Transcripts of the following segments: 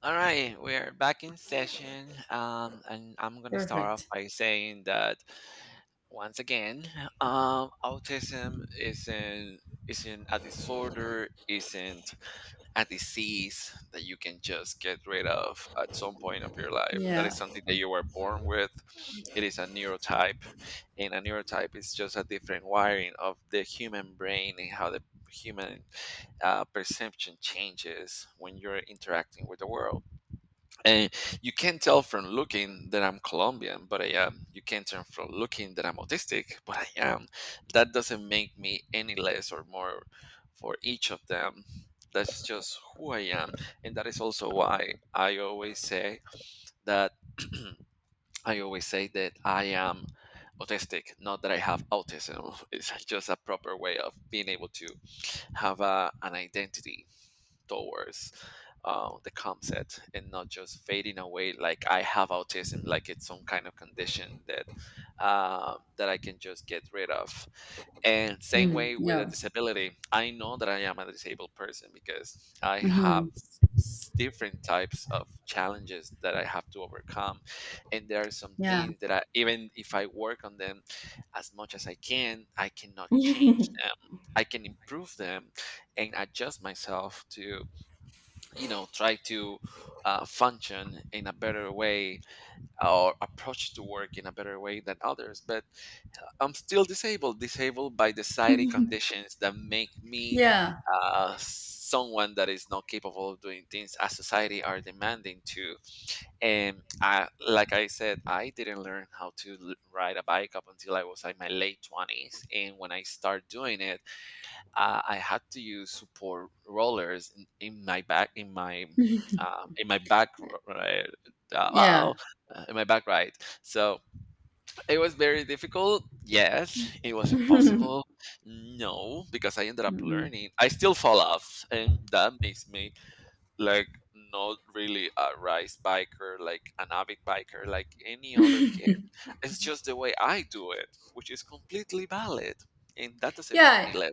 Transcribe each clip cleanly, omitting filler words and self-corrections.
All right, we're back in session, and I'm gonna start off Perfect. by saying that once again, autism isn't a disorder, isn't a disease that you can just get rid of at some point of your life. That Yeah. is something that you were born with. It is a neurotype, and a neurotype is just a different wiring of the human brain and how the human perception changes when you're interacting with the world, and you can't tell from looking that I'm Colombian, but I am. You can't tell from looking that I'm autistic, but I am. That doesn't make me any less or more for each of them. That's just who I am, and that is also why I always say that I always say that I am autistic, not that I have autism. It's just a proper way of being able to have an identity towards the concept and not just fading away like I have autism, like it's some kind of condition that that I can just get rid of. And same Mm, way with a yeah. disability, I know that I am a disabled person because I have Mhm. Different types of challenges that I have to overcome. And there are some Yeah. things that I, even if I work on them as much as I can, I cannot change them. I can improve them and adjust myself to try to function in a better way or approach to work in a better way than others, but I'm still disabled, disabled by the society conditions that make me Yeah. Someone that is not capable of doing things as society are demanding to. And I, like I said, I didn't learn how to ride a bike up until I was like my late 20s, and when I start doing it, I had to use support rollers in my back, in my back right, uh, Yeah. oh in my back right. So it was very difficult. Yes, it was impossible. No, because I ended up Mhm. learning. I still fall off, and that makes me like not really a race biker, like an avid biker, like any other kid. It's just the way I do it, which is completely valid, and that doesn't make me Yeah. less.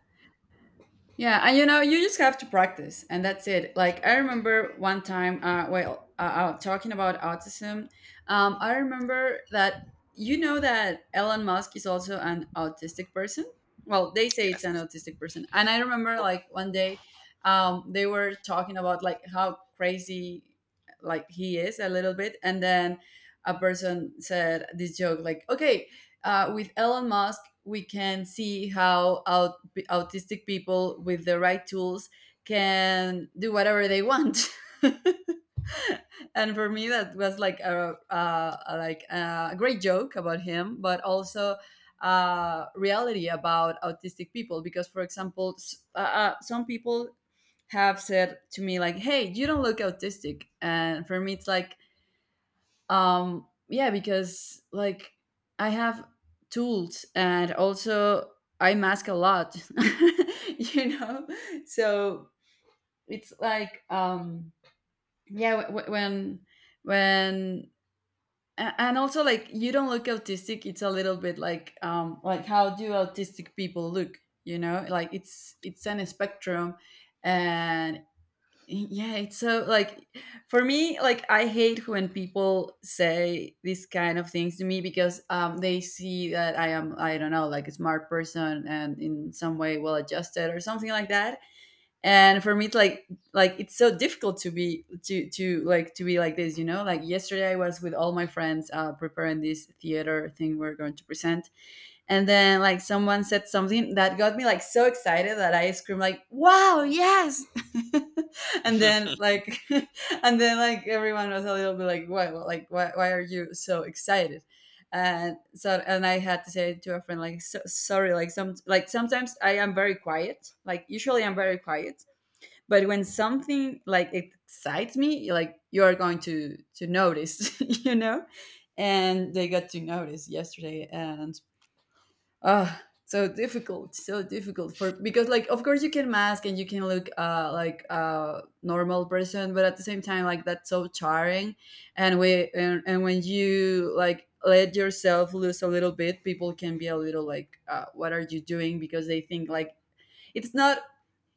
Yeah, and you just have to practice, and that's it. Like I remember one time, well, talking about autism. I remember that you know that Elon Musk is also an autistic person. Well, they say it's an Yes. autistic person, and I remember like one day, they were talking about like how crazy, like he is a little bit. And then a person said this joke like, okay, with Elon Musk, we can see how autistic people with the right tools can do whatever they want. And for me, that was like a great joke about him, but also reality about autistic people. Because, for example, some people have said to me like, "Hey, you don't look autistic," and for me, it's like, yeah, because like I have tools, and also I mask a lot you know so it's like, yeah. When and also, like, you don't look autistic, it's a little bit like, like, how do autistic people look? Like it's an spectrum. And yeah, it's so, like, for me, like, I hate when people say these kind of things to me because they see that I am, I don't know, like, a smart person and in some way well adjusted or something like that, and for me it's like, it's so difficult to be, to be like this. Like, yesterday I was with all my friends, preparing this theater thing we're going to present. And then, like, someone said something that got me, like, so excited that I screamed, like, wow, yes. And then, like, and then, like, everyone was a little bit like, why, why are you so excited? And so and I had to say to a friend, like, "So, sorry, like sometimes I am very quiet, like usually I'm very quiet. But when something like excites me, like, you're going to notice." And they got to notice yesterday. And ah, so difficult for, because like of course you can mask, and you can look, like, a normal person, but at the same time, like, that's so charming. And we and when you, like, let yourself loose a little bit, people can be a little like, what are you doing? Because they think like, it's not,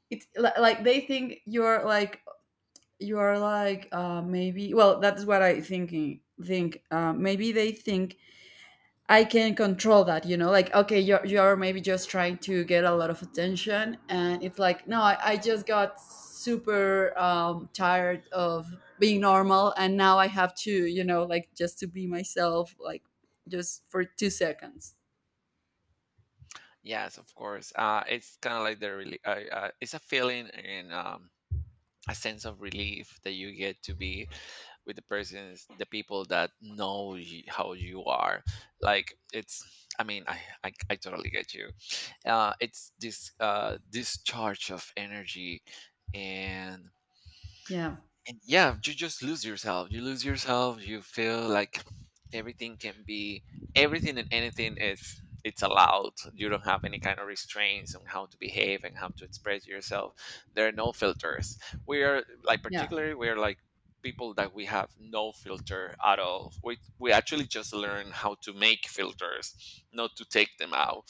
it's li- like they think you're like, maybe. Well, that's what I think, maybe they think I can control that, like, okay, you're maybe just trying to get a lot of attention. And it's like, no, I just got super, tired of being normal, and now I have to, like, just to be myself, like just for two seconds. Yes, of course. It's kind of like the really, it's a feeling and a sense of relief that you get to be with the persons, the people that know how you are. Like it's, I mean, I totally get you. It's this discharge of energy, and Yeah, yeah, you just lose yourself, you lose yourself, you feel like everything can be everything, and anything is it's allowed. You don't have any kind of restraints on how to behave and how to express yourself. There are no filters. We are like yeah, particularly we are like people that we have no filter at all. We actually just learn how to make filters, not to take them out.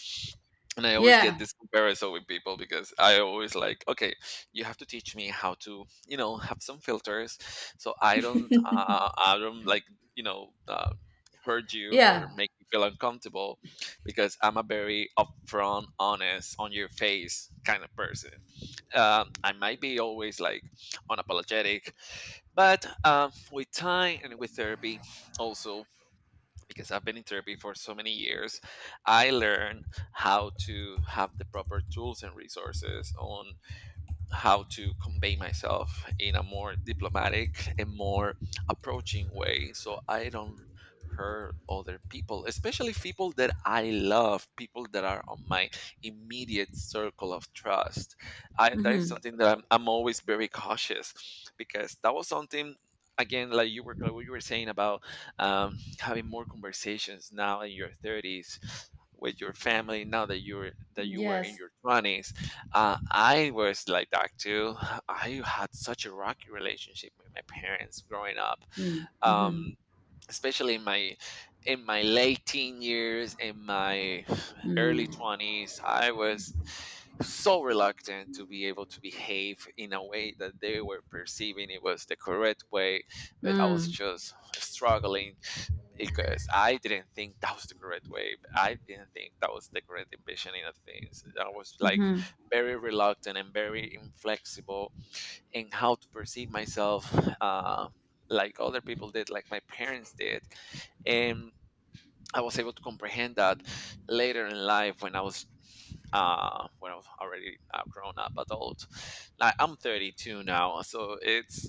And I always get yeah, this comparison with people because I always like, okay, you have to teach me how to, you know, have some filters, so I don't like, you know, hurt you or yeah. make you feel uncomfortable, because I'm a very upfront, honest, on your face kind of person. I might be always like unapologetic, but with time and with therapy, also because I've been in therapy for so many years, I learned how to have the proper tools and resources on how to convey myself in a more diplomatic and more approaching way, so I don't hurt other people, especially people that I love, people that are on my immediate circle of trust. I that is Hmm. something that I'm always very cautious, because that was something again like you were like what you were saying about having more conversations now in your 30s with your family now that you were in Yes. your 20s. I was like that too. I had such a rocky relationship with my parents growing up, Mm-hmm. Mm-hmm. um, especially in my late teen years, in my early Mm. twenties. I was so reluctant to be able to behave in a way that they were perceiving it was the correct way, Mm. but I was Mm-hmm. just struggling because I didn't think that was the correct way. I didn't think that was the correct envisioning of things. I was like very reluctant and very inflexible in how to perceive myself, uh, like other people did, like my parents did. And I was able to comprehend that later in life when I was already a grown up adult. Like I'm 32 now, so it's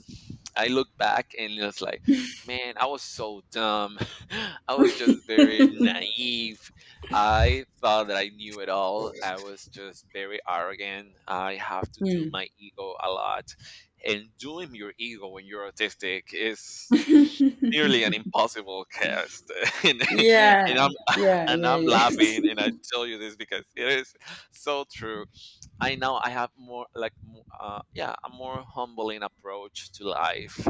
I look back and it's like, man, I was so dumb. I was just very naive. I thought that I knew it all. I was just very arrogant. I have to do Mm. my ego a lot, and doing your ego when you're autistic is nearly an impossible cast. and Yeah, I'm yeah, and yeah, I'm yeah. laughing and I tell you this because it is so true. I now I have more like yeah, a more humbling approach to life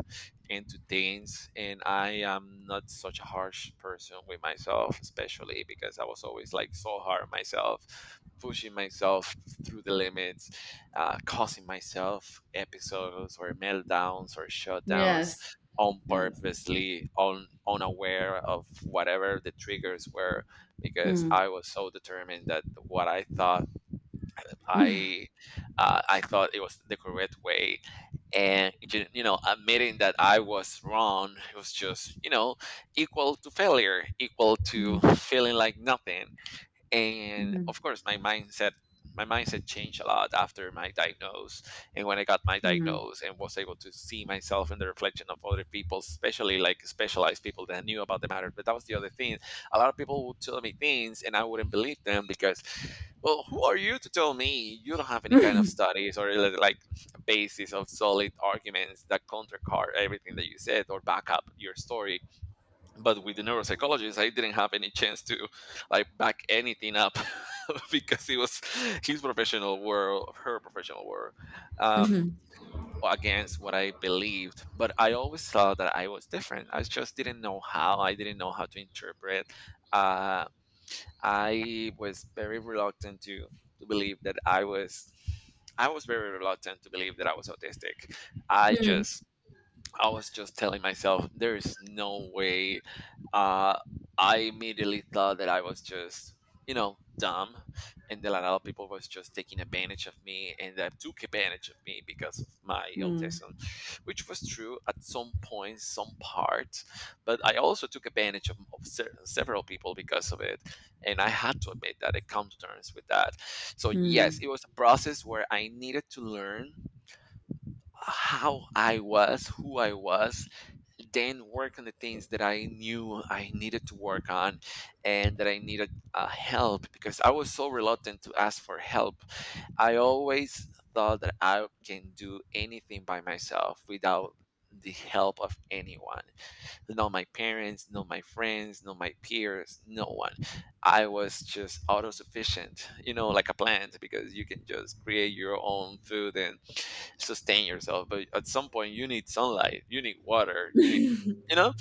and to things, and I am not such a harsh person with myself, especially because I was always like so hard on myself, pushing myself through the limits, causing myself episodes or meltdowns or shutdowns Yes. on Yes. purposely, on unaware of whatever the triggers were, because Mm. I was so determined that what I thought Mm-hmm. I I thought it was the correct way, and you know, admitting that I was wrong was just, you know, equal to failure, equal to Mhm, feeling like nothing. And mhm, of course my mindset changed a lot after my diagnose, and when I got my mhm, diagnose and was able to see myself in the reflection of other people, especially like specialized people that knew about the matter. But that was the other thing, a lot of people would tell me things and I wouldn't believe them, because well who are you to tell me, you don't have any kind of studies or like basis of solid arguments that countercard everything that you said or back up your story. But with the neuropsychologist I didn't have any chance to like back anything up, because it was his professional world, her professional world, uh, mhm, against what I believed. But I always thought that I was different, I just didn't know how, I didn't know how to interpret. uh, I was very reluctant to believe that I was, I was very reluctant to believe that I was autistic. I mhm, just I was just telling myself, there is no way. Uh, I immediately thought that I was just, you know, dumb, and that a lot of people was just taking advantage of me, and that took advantage of me because of my mm, autism, which was true at some points, some parts. But I also took advantage of, se- several people because of it, and I had to admit that it comes to terms with that. So yes, mm. it was a process where I needed to learn how I was, who I was, then work on the things that I knew I needed to work on, and that I needed help, because I was so reluctant to ask for help. I always thought that I can do anything by myself without the help of anyone, not my parents, not my friends, not my peers, no one. I was just autosufficient, you know, like a plant, because you can just create your own food and sustain yourself. But at some point, you need sunlight, you need water, you need, you know,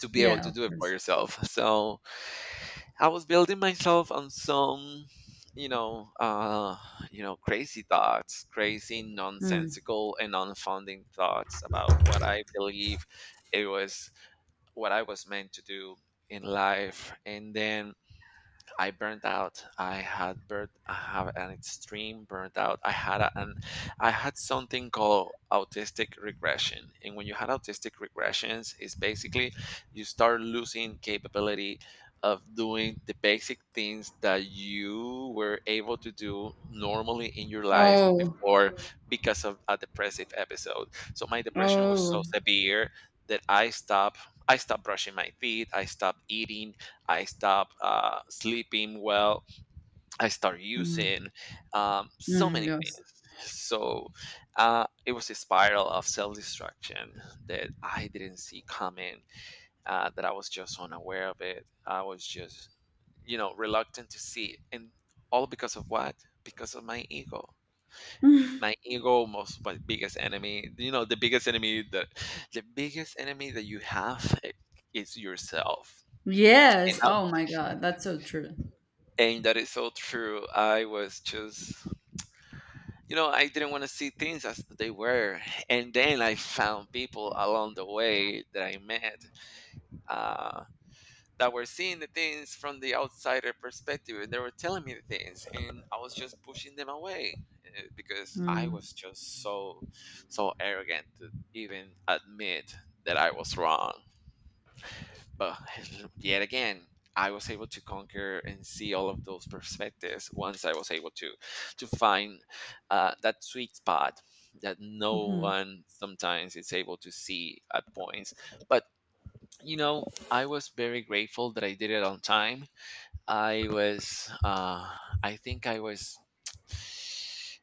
to be able Yeah, to of do it for course. yourself. So I was building myself on some, you know, uh, you know, crazy thoughts, crazy, Mm. nonsensical, and unfounding thoughts about what I believe it was, what I was meant to do in life, and then I burned out. I had burnt. I have an extreme burnt out. I had an I had something called autistic regression. And when you had autistic regressions, it's basically you start losing capability of doing the basic things that you were able to do normally in your life Oh, before. Mm. Because of a depressive episode. So my depression was so oh, severe that I stopped brushing my teeth, I stopped eating, I stop sleeping well. I start mm, using so mm, many yes. things. So it was a spiral of self destruction that I didn't see coming, that I was just unaware of it. I was just, you know, reluctant to see it. And all because of what? Because of my ego. My ego, most my biggest enemy. You know, the biggest enemy that you have is yourself. Yes. Oh my God, that's so true. And that is so true. I was just, I didn't want to see things as they were. And then I found people along the way that I met uh, that were seeing the things from the outsider perspective. And they were telling me the things, and I was just pushing them away because I Mm, was just so, so arrogant to even admit that I was wrong. But yet again, I was able to conquer and see all of those perspectives once I was able to find that sweet spot that no mhm, one sometimes is able to see at points. But you know, I was very grateful that I did it on time. I was, I think I was,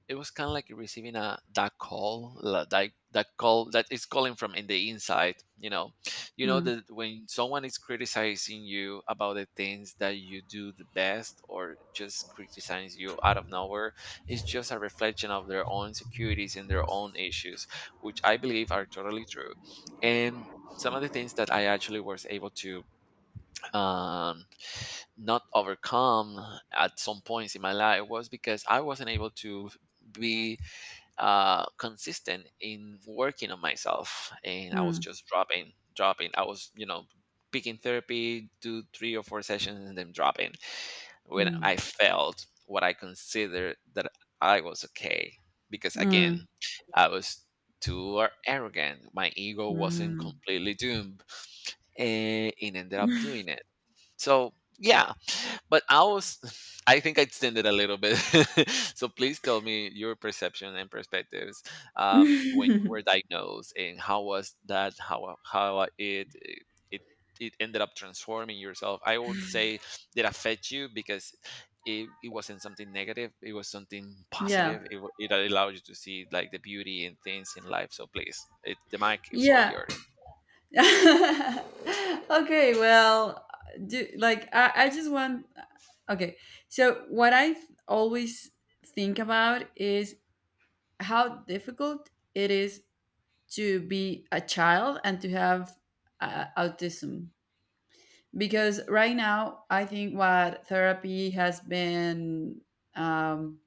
it was kind of like receiving a that call that is calling from in the inside. You know mm, that when someone is criticizing you about the things that you do the best, or just criticizes you out of nowhere, it's just a reflection of their own insecurities and their own issues, which I believe are totally true. And some of the things that I actually was able to um, not overcome at some points in my life was because I wasn't able to be consistent in working on myself, and I was mm, just dropping, dropping. I was, picking therapy, do three or four sessions, and then dropping when I felt what I considered that I was okay. Because again, mm, I was arrogant. My ego mm, wasn't mm. completely doomed, and it ended up doing it. So yeah, but I was, I think I extended a little bit. So please tell me your perception and perspectives when you were diagnosed, and how was that? How it it ended up transforming yourself? I won't say did affect you because it wasn't something negative. It was something Yeah. positive. It allowed you to see like the beauty and things in life. So please, the mic is all Yeah. yours. Okay, well, do, like, I just want, okay. So what I always think about is how difficult it is to be a child and to have, autism. Because right now, I think what therapy um,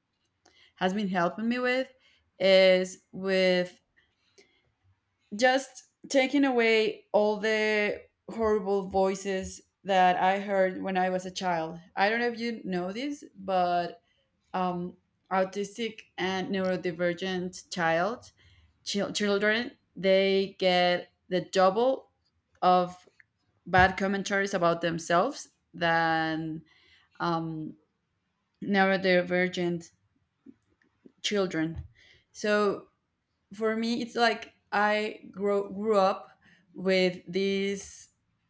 has been helping me with is with just taking away all the horrible voices that I heard when I was a child. I don't know if you know this, but, um, autistic and neurodivergent children, they get the double of bad commentaries about themselves than, um, neurodivergent children. So for me, it's like I grew up with these,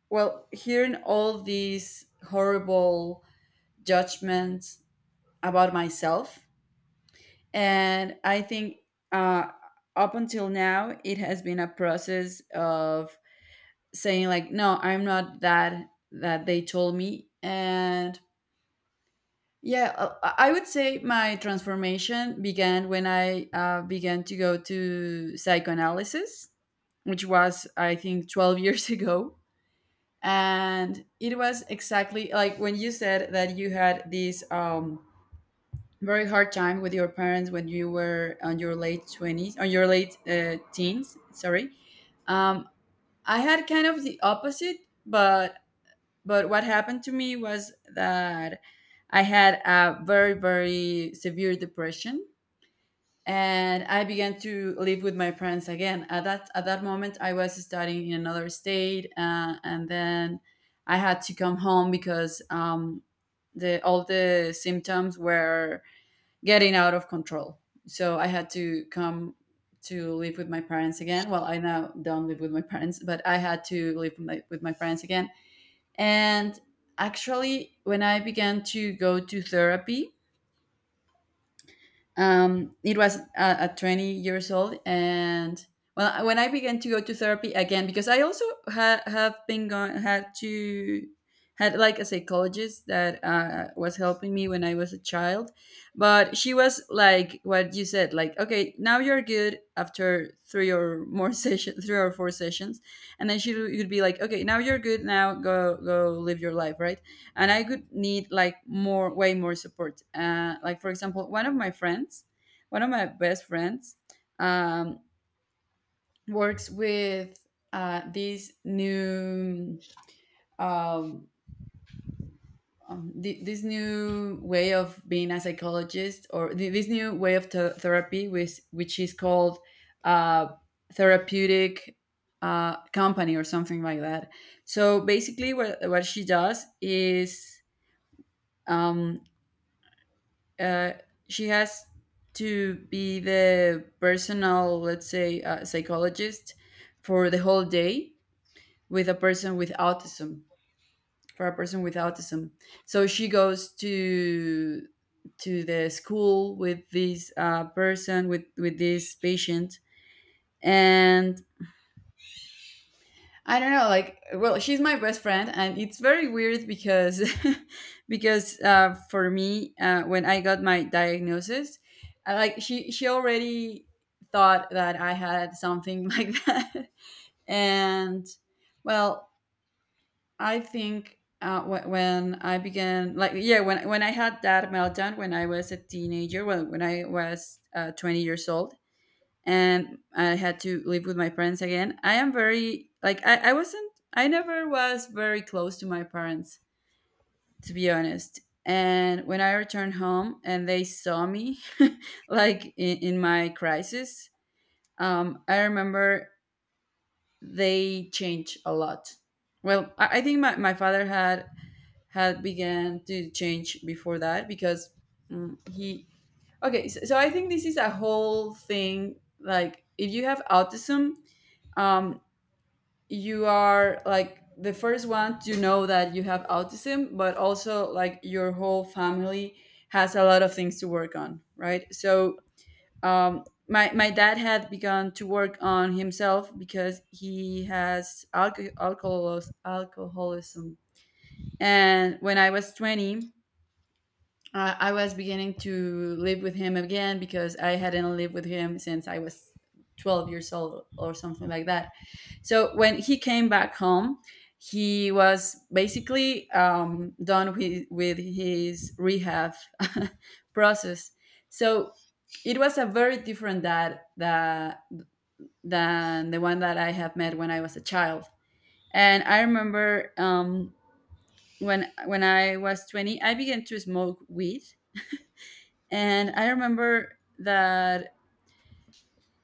well, hearing all these horrible judgments about myself. And I think, uh, up until now, it has been a process of saying like, "No, I'm not that that they told me." And yeah, I would say my transformation began when I, began to go to psychoanalysis, which was, I think, 12 years ago. And it was exactly like when you said that you had this, very hard time with your parents when you were on your late 20s, on your late, teens, sorry. um, I had kind of the opposite, but But what happened to me was that I had a very, very severe depression, and I began to live with my parents again. At that moment, I was studying in another state, and then I had to come home because, the all the symptoms were getting out of control. So I had to come to live with my parents again. Well, I now don't live with my parents, but I had to live with my parents again. And actually, when I began to go to therapy, it was, at 20 years old. And well, when I began to go to therapy again, because I also have been going, had to, had like a psychologist that, was helping me when I was a child. But she was like what you said, like, okay, now you're good after three or more sessions, three or four sessions. And then she would be like, okay, now you're good. Now go, go live your life. Right. And I could need like more way more support, like, for example, one of my friends, one of my best friends, um, works with, these new, um, this new way of being a psychologist, or this new way of therapy, which is called, uh, therapeutic, company or something like that. So basically what she does is, um, uh, she has to be the personal, let's say, psychologist for the whole day with a person with autism. For a person with autism, so she goes to the school with this, person with this patient, and I don't know, like, well, she's my best friend, and it's very weird because, because, for me, when I got my diagnosis, I, like, she already thought that I had something like that. And well, I think, when I began, like, yeah, when I had that meltdown when I was a teenager, well, when I was, 20 years old, and I had to live with my parents again. I am very like I wasn't, I never was very close to my parents, to be honest. And when I returned home and they saw me, like in my crisis, I remember they changed a lot. Well, I think my father had began to change before that because, he, okay. So I think this is a whole thing. Like if you have autism, um, you are like the first one to know that you have autism, but also like your whole family has a lot of things to work on, right? So, my dad had begun to work on himself because he has alcoholism. And when I was 20, I was beginning to live with him again because I hadn't lived with him since I was 12 years old or something like that. So when he came back home, he was basically, done with his rehab process. So it was a very different dad that, than the one that I have met when I was a child. And I remember, when I was 20, I began to smoke weed. And I remember that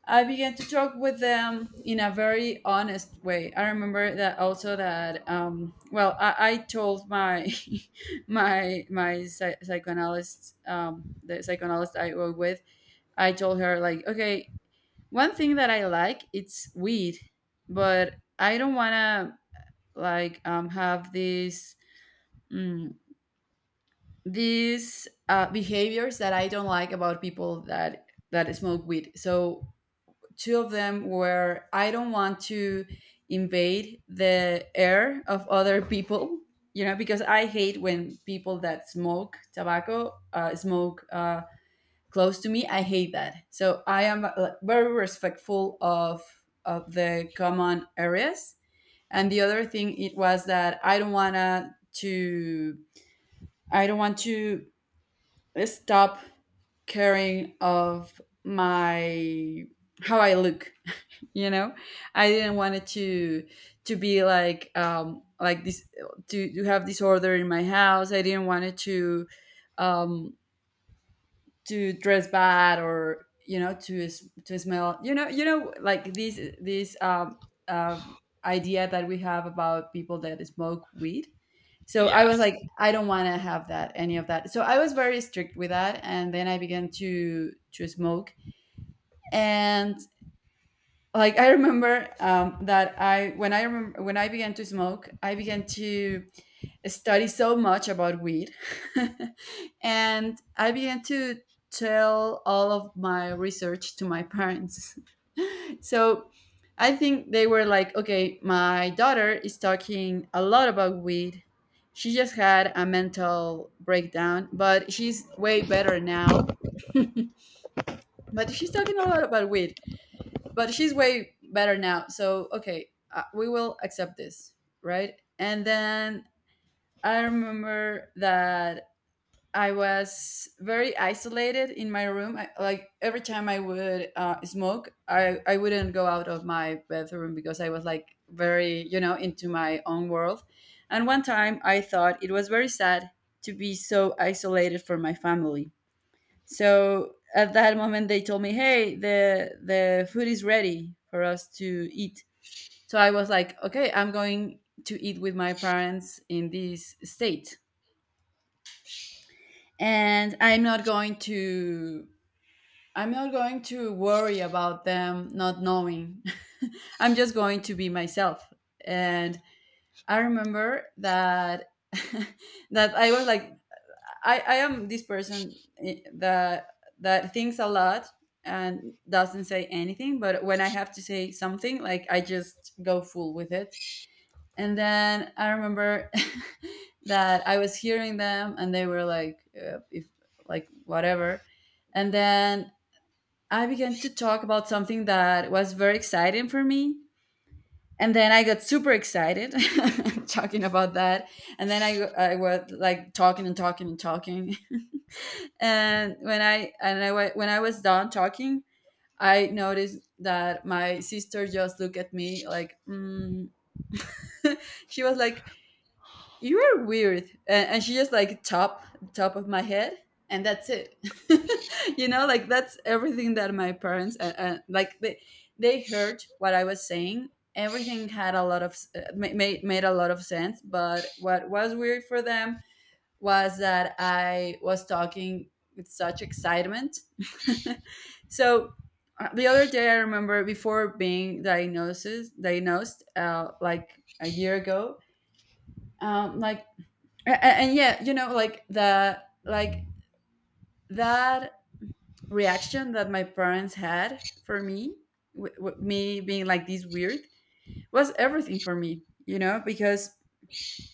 I began to talk with them in a very honest way. I remember that also that, well, I told my my psychoanalyst, the psychoanalyst I work with. I told her like, okay, one thing that I like, it's weed, but I don't wanna like, have these, mm, these, behaviors that I don't like about people that smoke weed. So two of them were I don't want to invade the air of other people, because I hate when people that smoke tobacco, smoke, close to me. I hate that. So I am, very respectful of the common areas. And the other thing it was that I don't want to stop caring of my how I look, you know I didn't want it to be like this, to have disorder in my house. I didn't want it um to dress bad or to smell, like this um idea that we have about people that smoke weed. So I was Yes. like, I don't want to have that, any of that. So I was very strict with that, and then I began to smoke. And like I remember, that I when I remember when I began to smoke, I began to study so much about weed. And I began to tell all of my research to my parents. So I think they were like, okay, my daughter is talking a lot about weed. She just had a mental breakdown but she's way better now. But she's talking a lot about weed, but she's way better now. So okay, we will accept this, right? And then I remember that I was very isolated in my room. Like every time I would smoke, I wouldn't go out of my bathroom because I was like very, you know, into my own world. And one time I thought it was very sad to be so isolated from my family. So at that moment, they told me, "Hey, the food is ready for us to eat." So I was like, "Okay, I'm going to eat with my parents in this state, and I'm not going to." I'm not going to worry about them not knowing. I'm just going to be myself. And I remember that that I was like, I am this person, eh, that that thinks a lot and doesn't say anything, but when I have to say something, like, I just go full with it. And then I remember that I was hearing them and they were like, if, like, whatever. And then I began to talk about something that was very exciting for me, and then I got super excited talking about that. And then I was like talking and talking and talking. And when I and I wa- when I was done talking, I noticed that my sister just looked at me like, mm. She was like, you are weird. And she just like, top, top of my head, and that's it. You know, like that's everything. That my parents, like, they heard what I was saying, everything had a lot of made a lot of sense, but what was weird for them was that I was talking with such excitement. So the other day I remember, before being diagnosed like a year ago, like, and yeah, you know, like the, like, that reaction that my parents had for me, me being like this, weird, was everything for me, you know, because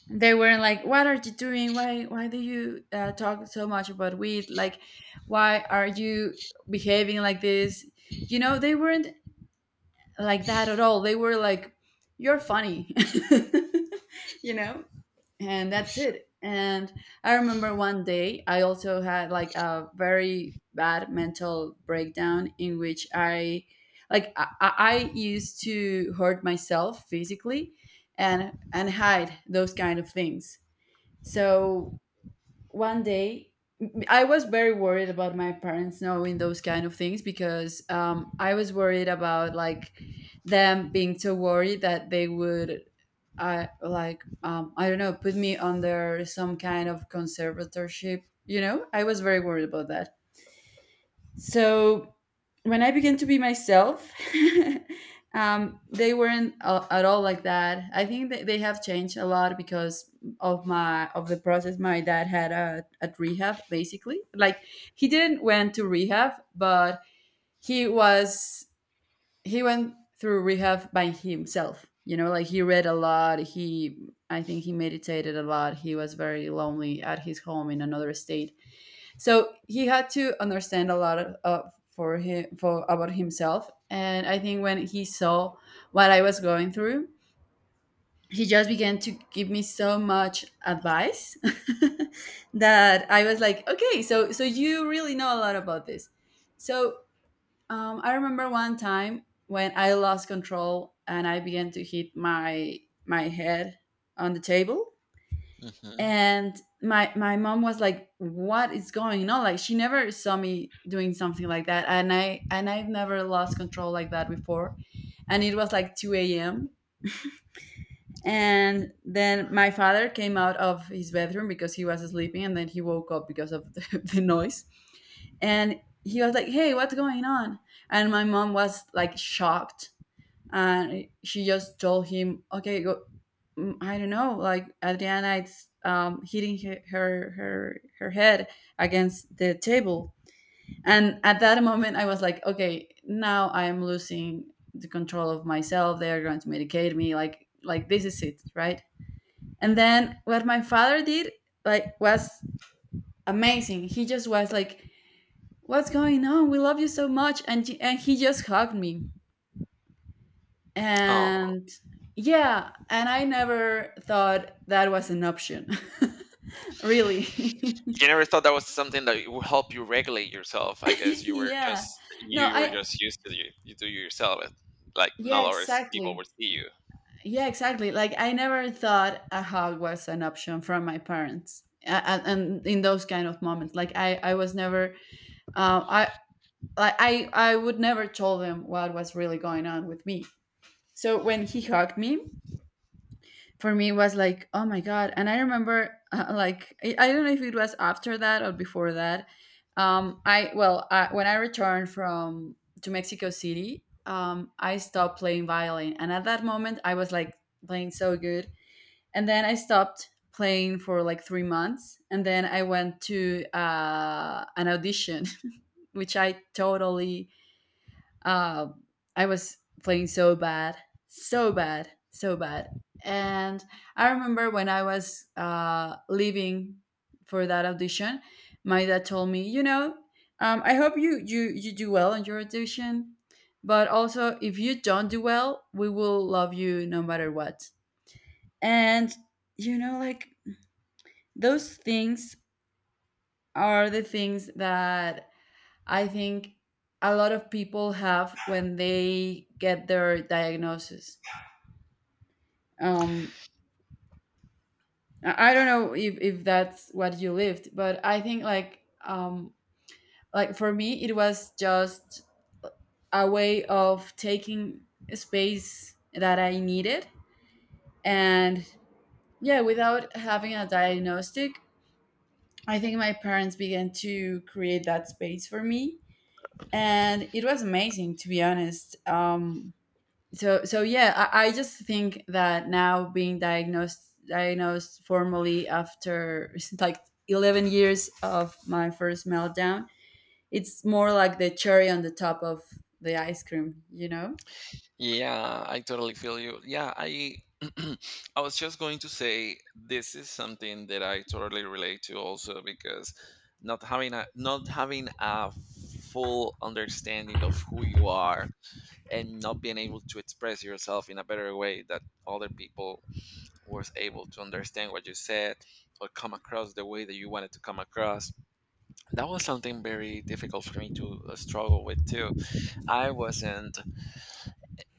they were not like, what are you doing, why do you talk so much about weed? Like, why are you behaving like this? You know, they weren't like that at all. They were like, you're funny. You know, and that's it. And I remember one day I also had like a very bad mental breakdown in which I like I used to hurt myself physically and hide those kind of things. So one day I was very worried about my parents knowing those kind of things because I was worried about, like, them being so worried that they would, I don't know, put me under some kind of conservatorship. You know, I was very worried about that. So when I began to be myself, they weren't a at all like that. I think that they have changed a lot because of my, of the process my dad had at rehab. Basically, like, he didn't went to rehab, but he was he went through rehab by himself. You know, like, he read a lot. He I think he meditated a lot. He was very lonely at his home in another state, so he had to understand a lot of, for him, for, about himself. And I think when he saw what I was going through, he just began to give me so much advice that I was like, okay, so you really know a lot about this. So I remember one time when I lost control and I began to hit my my head on the table. Hmm. And my mom was like, what is going on? Like, she never saw me doing something like that, and I've never lost control like that before. And it was like 2 a.m. And then my father came out of his bedroom because he was sleeping, and then he woke up because of the, the noise. And he was like, hey, what's going on? And my mom was like shocked, and she just told him, "Okay, go." Mm, I don't know, like, Adriana, it's hitting her, her head against the table. And at that moment, I was like, "Okay, now I am losing the control of myself. They are going to medicate me. Like this is it, right?" And then what my father did, like, was amazing. He just was like, "What's going on? We love you so much," and he just hugged me. And yeah, and I never thought that was an option. Really. You never thought that was something that would help you regulate yourself? I guess Yeah. No, you were I, just used to you you do yourself it-, like not yeah, always people would exactly. see you. Yeah, exactly. Like, I never thought a hug was an option from my parents. And in those kind of moments, like, I was never, uh, I, like I would never tell them what was really going on with me. So when he hugged me, for me was like, oh my god. And I remember, I don't know if it was after that or before that. I, when I returned from to Mexico City, I stopped playing violin, and at that moment I was like playing so good. And then I stopped playing for like 3 months, and then I went to an audition which I totally, uh, I was playing so bad, so bad, so bad. And I remember when I was leaving for that audition, my dad told me, you know, I hope you you do well in your audition, but also if you don't do well, we will love you no matter what. And, you know, like, those things are the things that I think a lot of people have when they get their diagnosis. Um, I don't know if that's what you lived, but I think, like, like for me, it was just a way of taking space that I needed. And yeah, without having a diagnostic, I think my parents began to create that space for me, and it was amazing, to be honest. So so yeah, I just think that now being diagnosed formally after like 11 years of my first meltdown, it's more like the cherry on the top of the ice cream, you know. Yeah, I totally feel you. Yeah, I I was just going to say this is something that I totally relate to also because not having a full understanding of who you are and not being able to express yourself in a better way that other people was able to understand what you said or come across the way that you wanted to come across. That was something very difficult for me to struggle with too. I wasn't,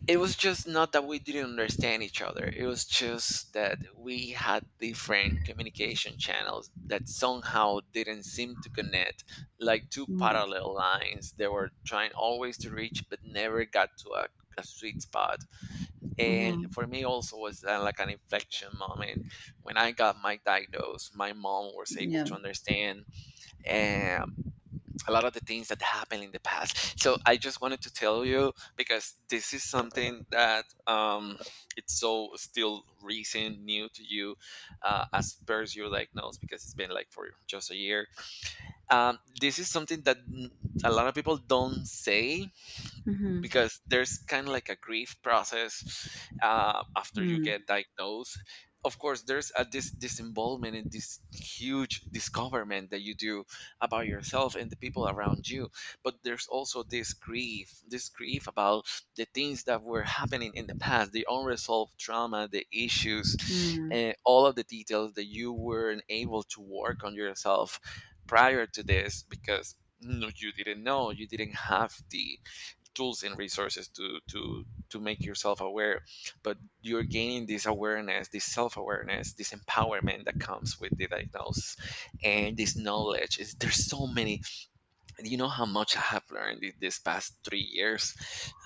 it was just not that we didn't understand each other. It was just that we had different communication channels that somehow didn't seem to connect, like two parallel lines that were trying always to reach but never got to a sweet spot. And Mm-hmm. for me also was that like an inflection moment. When I got my diagnosis, my mom was able Yeah. to understand um, a lot of the things that happened in the past. So I just wanted to tell you because this is something that it's so still recent, new to you, as per your diagnosis because it's been like for just a year. This is something that a lot of people don't say Mm-hmm. because there's kind of like a grief process after you Mm, get diagnosed. Of course, there's a this involvement in this huge discoverment that you do about yourself and the people around you. But there's also this grief about the things that were happening in the past, the unresolved trauma, the issues, mm, and all of the details that you weren't able to work on yourself prior to this because no, you didn't know, you didn't have the tools and resources to make yourself aware. But you're gaining this awareness, this self-awareness, this empowerment that comes with the diagnosis, and this knowledge is, there's so many. You know how much I have learned this past 3 years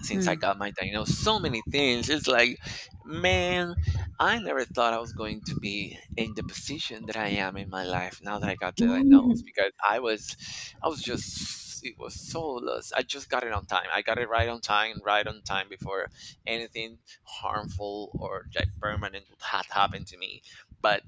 since I got my diagnosis. So many things. It's like, man, I never thought I was going to be in the position that I am in my life now that I got the diagnosis. mm. Because I was just, it was so lost. I just got it on time. I got it right on time before anything harmful or like permanent had happened to me. But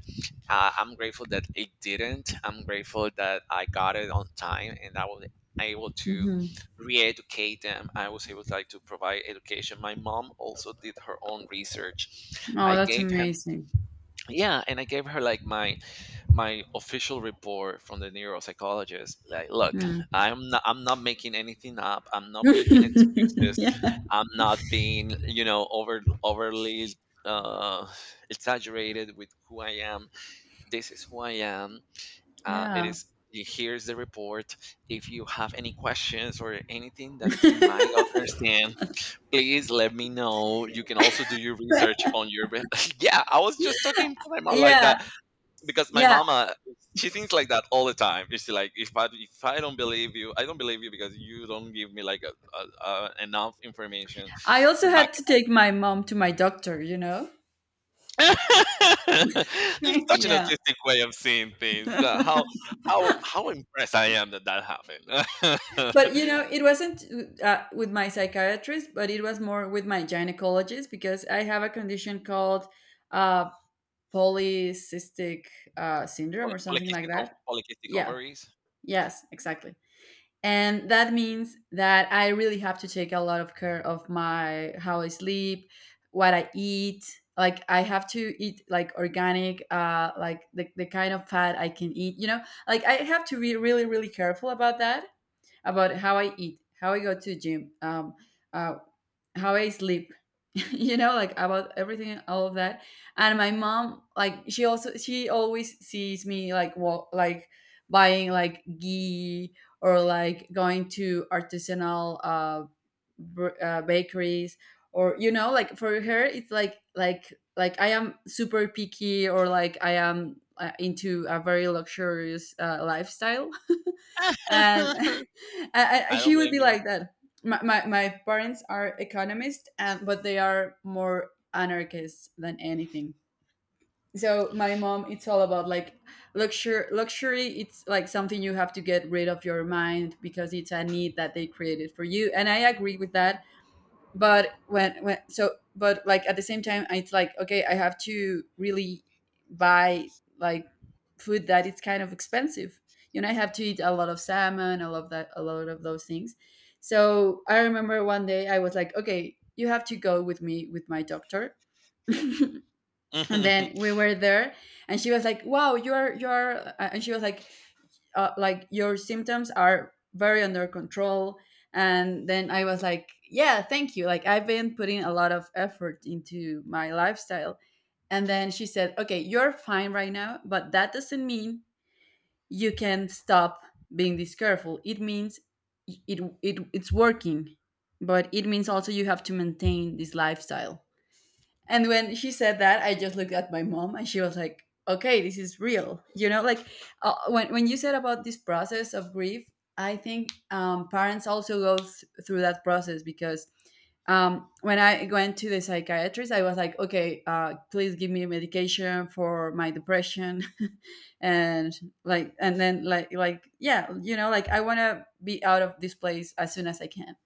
I'm grateful that it didn't. I'm grateful that I got it on time and I was able to Hmm. re-educate them. I was able to, like, to provide education. My mom also did her own research. Oh, I that's gave him, amazing. yeah, and I gave her like my official report from the neuropsychologist. Like, look, Mm. I'm not making anything up. I'm not making excuses. Yeah. I'm not being, you know, overly uh exaggerated with who I am. This is who I am. It Yeah. is, here's the report. If you have any questions or anything that you might not understand, please let me know. You can also do your research on your. Be- Yeah, I was just talking to my mom like Yeah. that because my Yeah. mama, she thinks like that all the time. She's like, if I don't believe you, I don't believe you because you don't give me like a enough information I to also back. had to take my mom to my doctor, you know? It's such an Yeah. autistic way of seeing things. How impressed I am that that happened. But you know, it wasn't with my psychiatrist, but it was more with my gynecologist because I have a condition called uh, polycystic syndrome or something like that. Polycystic Yeah. ovaries. Yes. Exactly. And that means that I really have to take a lot of care of my how I sleep, what I eat. Like, I have to eat like organic, like the kind of fat I can eat. You know, like, I have to be really really careful about that, about how I eat, how I go to the gym, uh, how I sleep, you know, like about everything, all of that. And my mom, like, she always sees me like, well, like buying like ghee, or like going to artisanal bakeries, or you know like for her it's like, I am super picky, or like I am into a very luxurious lifestyle. And I don't she would blame be you. like that. My parents are economists, and but they are more anarchists than anything. So my mom, it's all about like luxury. Luxury, it's like something you have to get rid of your mind because it's a need that they created for you, and I agree with that. But when when so but like at the same time it's like, okay, I have to really buy, like, food that it's kind of expensive. You know, I have to eat a lot of salmon, a lot of that, a lot of those things. So I remember one day I was like, okay, you have to go with me with my doctor. And then we were there and she was like, wow, you're and she was like, like, your symptoms are very under control. And then I was like, yeah, thank you, like I've been putting a lot of effort into my lifestyle. And then she said, okay, you're fine right now, but that doesn't mean you can stop being this careful. It means it's working, but it means also you have to maintain this lifestyle. And when she said that, I just looked at my mom and she was like, okay, this is real. You know, like, when you said about this process of grief, I think parents also go through that process, because when I went to the psychiatrist, I was like, okay, please give me medication for my depression. and and then yeah, like, I want to be out of this place as soon as I can.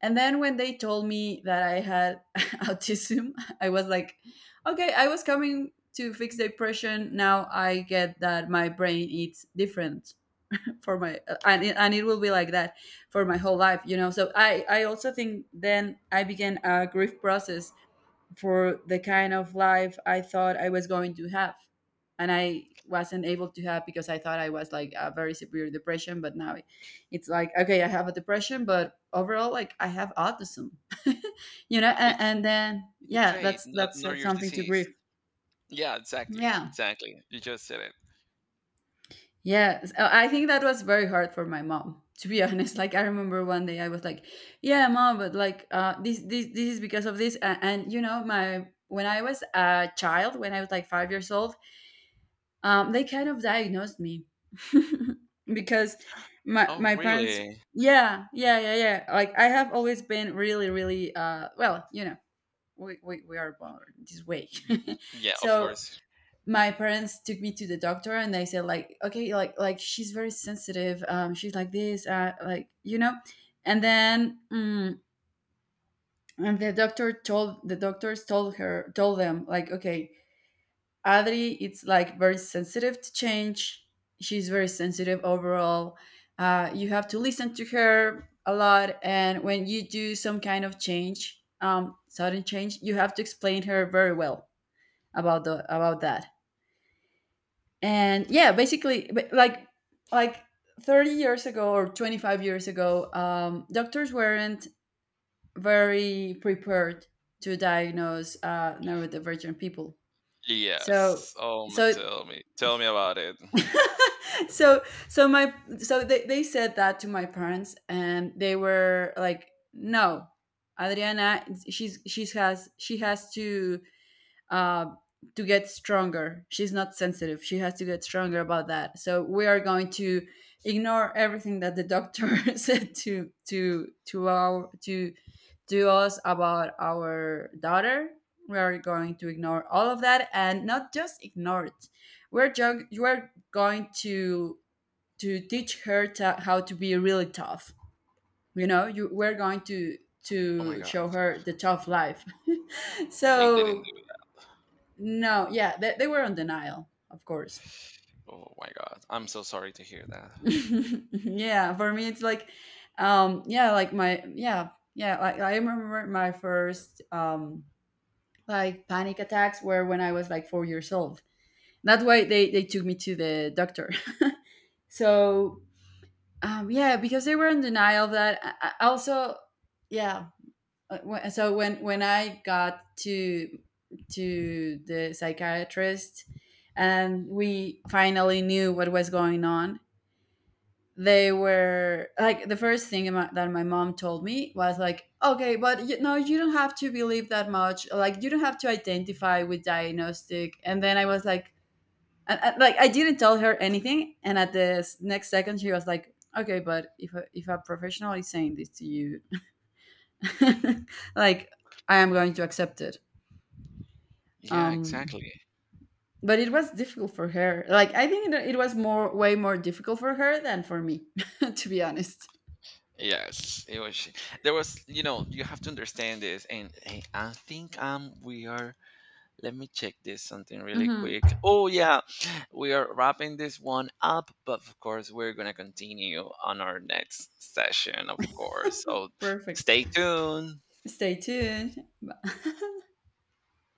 And then when they told me that I had autism, I was like, okay, I was coming to fix depression. Now I get that my brain is different for my and it will be like that for my whole life. So I also think then I began a grief process for the kind of life I thought I was going to have. And I wasn't able to have because I thought I was like a very severe depression. But now it's like, okay, I have a depression, but overall, like I have autism, you know? And, it's and then, it's a yeah, trait, not, that's not your something to disease. grieve. Yeah, exactly, Yeah. exactly. You just said it. Yeah. So I think that was very hard for my mom. To be honest, like I remember one day I was like, "Yeah, mom, but like this is because of this." And you know, my when I was a child, when I was like 5 years old, they kind of diagnosed me because my Oh, my parents, really? yeah, yeah, yeah, yeah, like I have always been really really well, you know, we are born this way. Yeah, of So course. my parents took me to the doctor and they said like, okay, like she's very sensitive, she's like this, like, you know. And then and the doctor told the doctors told her told them, like, okay, Adri, it's like very sensitive to change. She's very sensitive overall. You have to listen to her a lot, and when you do some kind of change, sudden change, you have to explain her very well about the about that. And yeah, basically, but like 30 years ago or 25 years ago, doctors weren't very prepared to diagnose neurodivergent people. So Yes. Oh, m- so tell me about it. so so my so they said that to my parents and they were like, no, Adriana, she has to uh get stronger. She's not sensitive, she has to get stronger about that, so we are going to ignore everything that the doctor said to us about our daughter. We are going to ignore all of that, and not just ignore it. We're going to teach her how to be really tough. You know, you we're going Oh my to God, show her the tough life. they didn't do So it. no, yeah, they were on denial, of course. Oh my God, I'm so sorry to hear that. Yeah, for me it's like, yeah, like my yeah yeah like I remember my first like panic attacks were when I was like 4 years old. That's why they took me to the doctor. So yeah, because they were in denial of that. I also, yeah, uh, so when I got to the psychiatrist and we finally knew what was going on, they were like, the first thing that my mom told me was like, "Okay, but you, know you don't have to believe that much. Like you don't have to identify with diagnostic." And then I was like, like, I didn't tell her anything, and at the next second she was like, "Okay, but if a professional is saying this to you, like I am going to accept it." Yeah, Um, exactly. but it was difficult for her. Like, I think it was more, way more difficult for her than for me, to be honest. Yes, it was. There was, you know, you have to understand this, and I think we are. Let me check this something really quick. Hmm. Oh yeah, we are wrapping this one up, but of course we're gonna continue on our next session, of course. So Perfect. stay tuned. Stay tuned.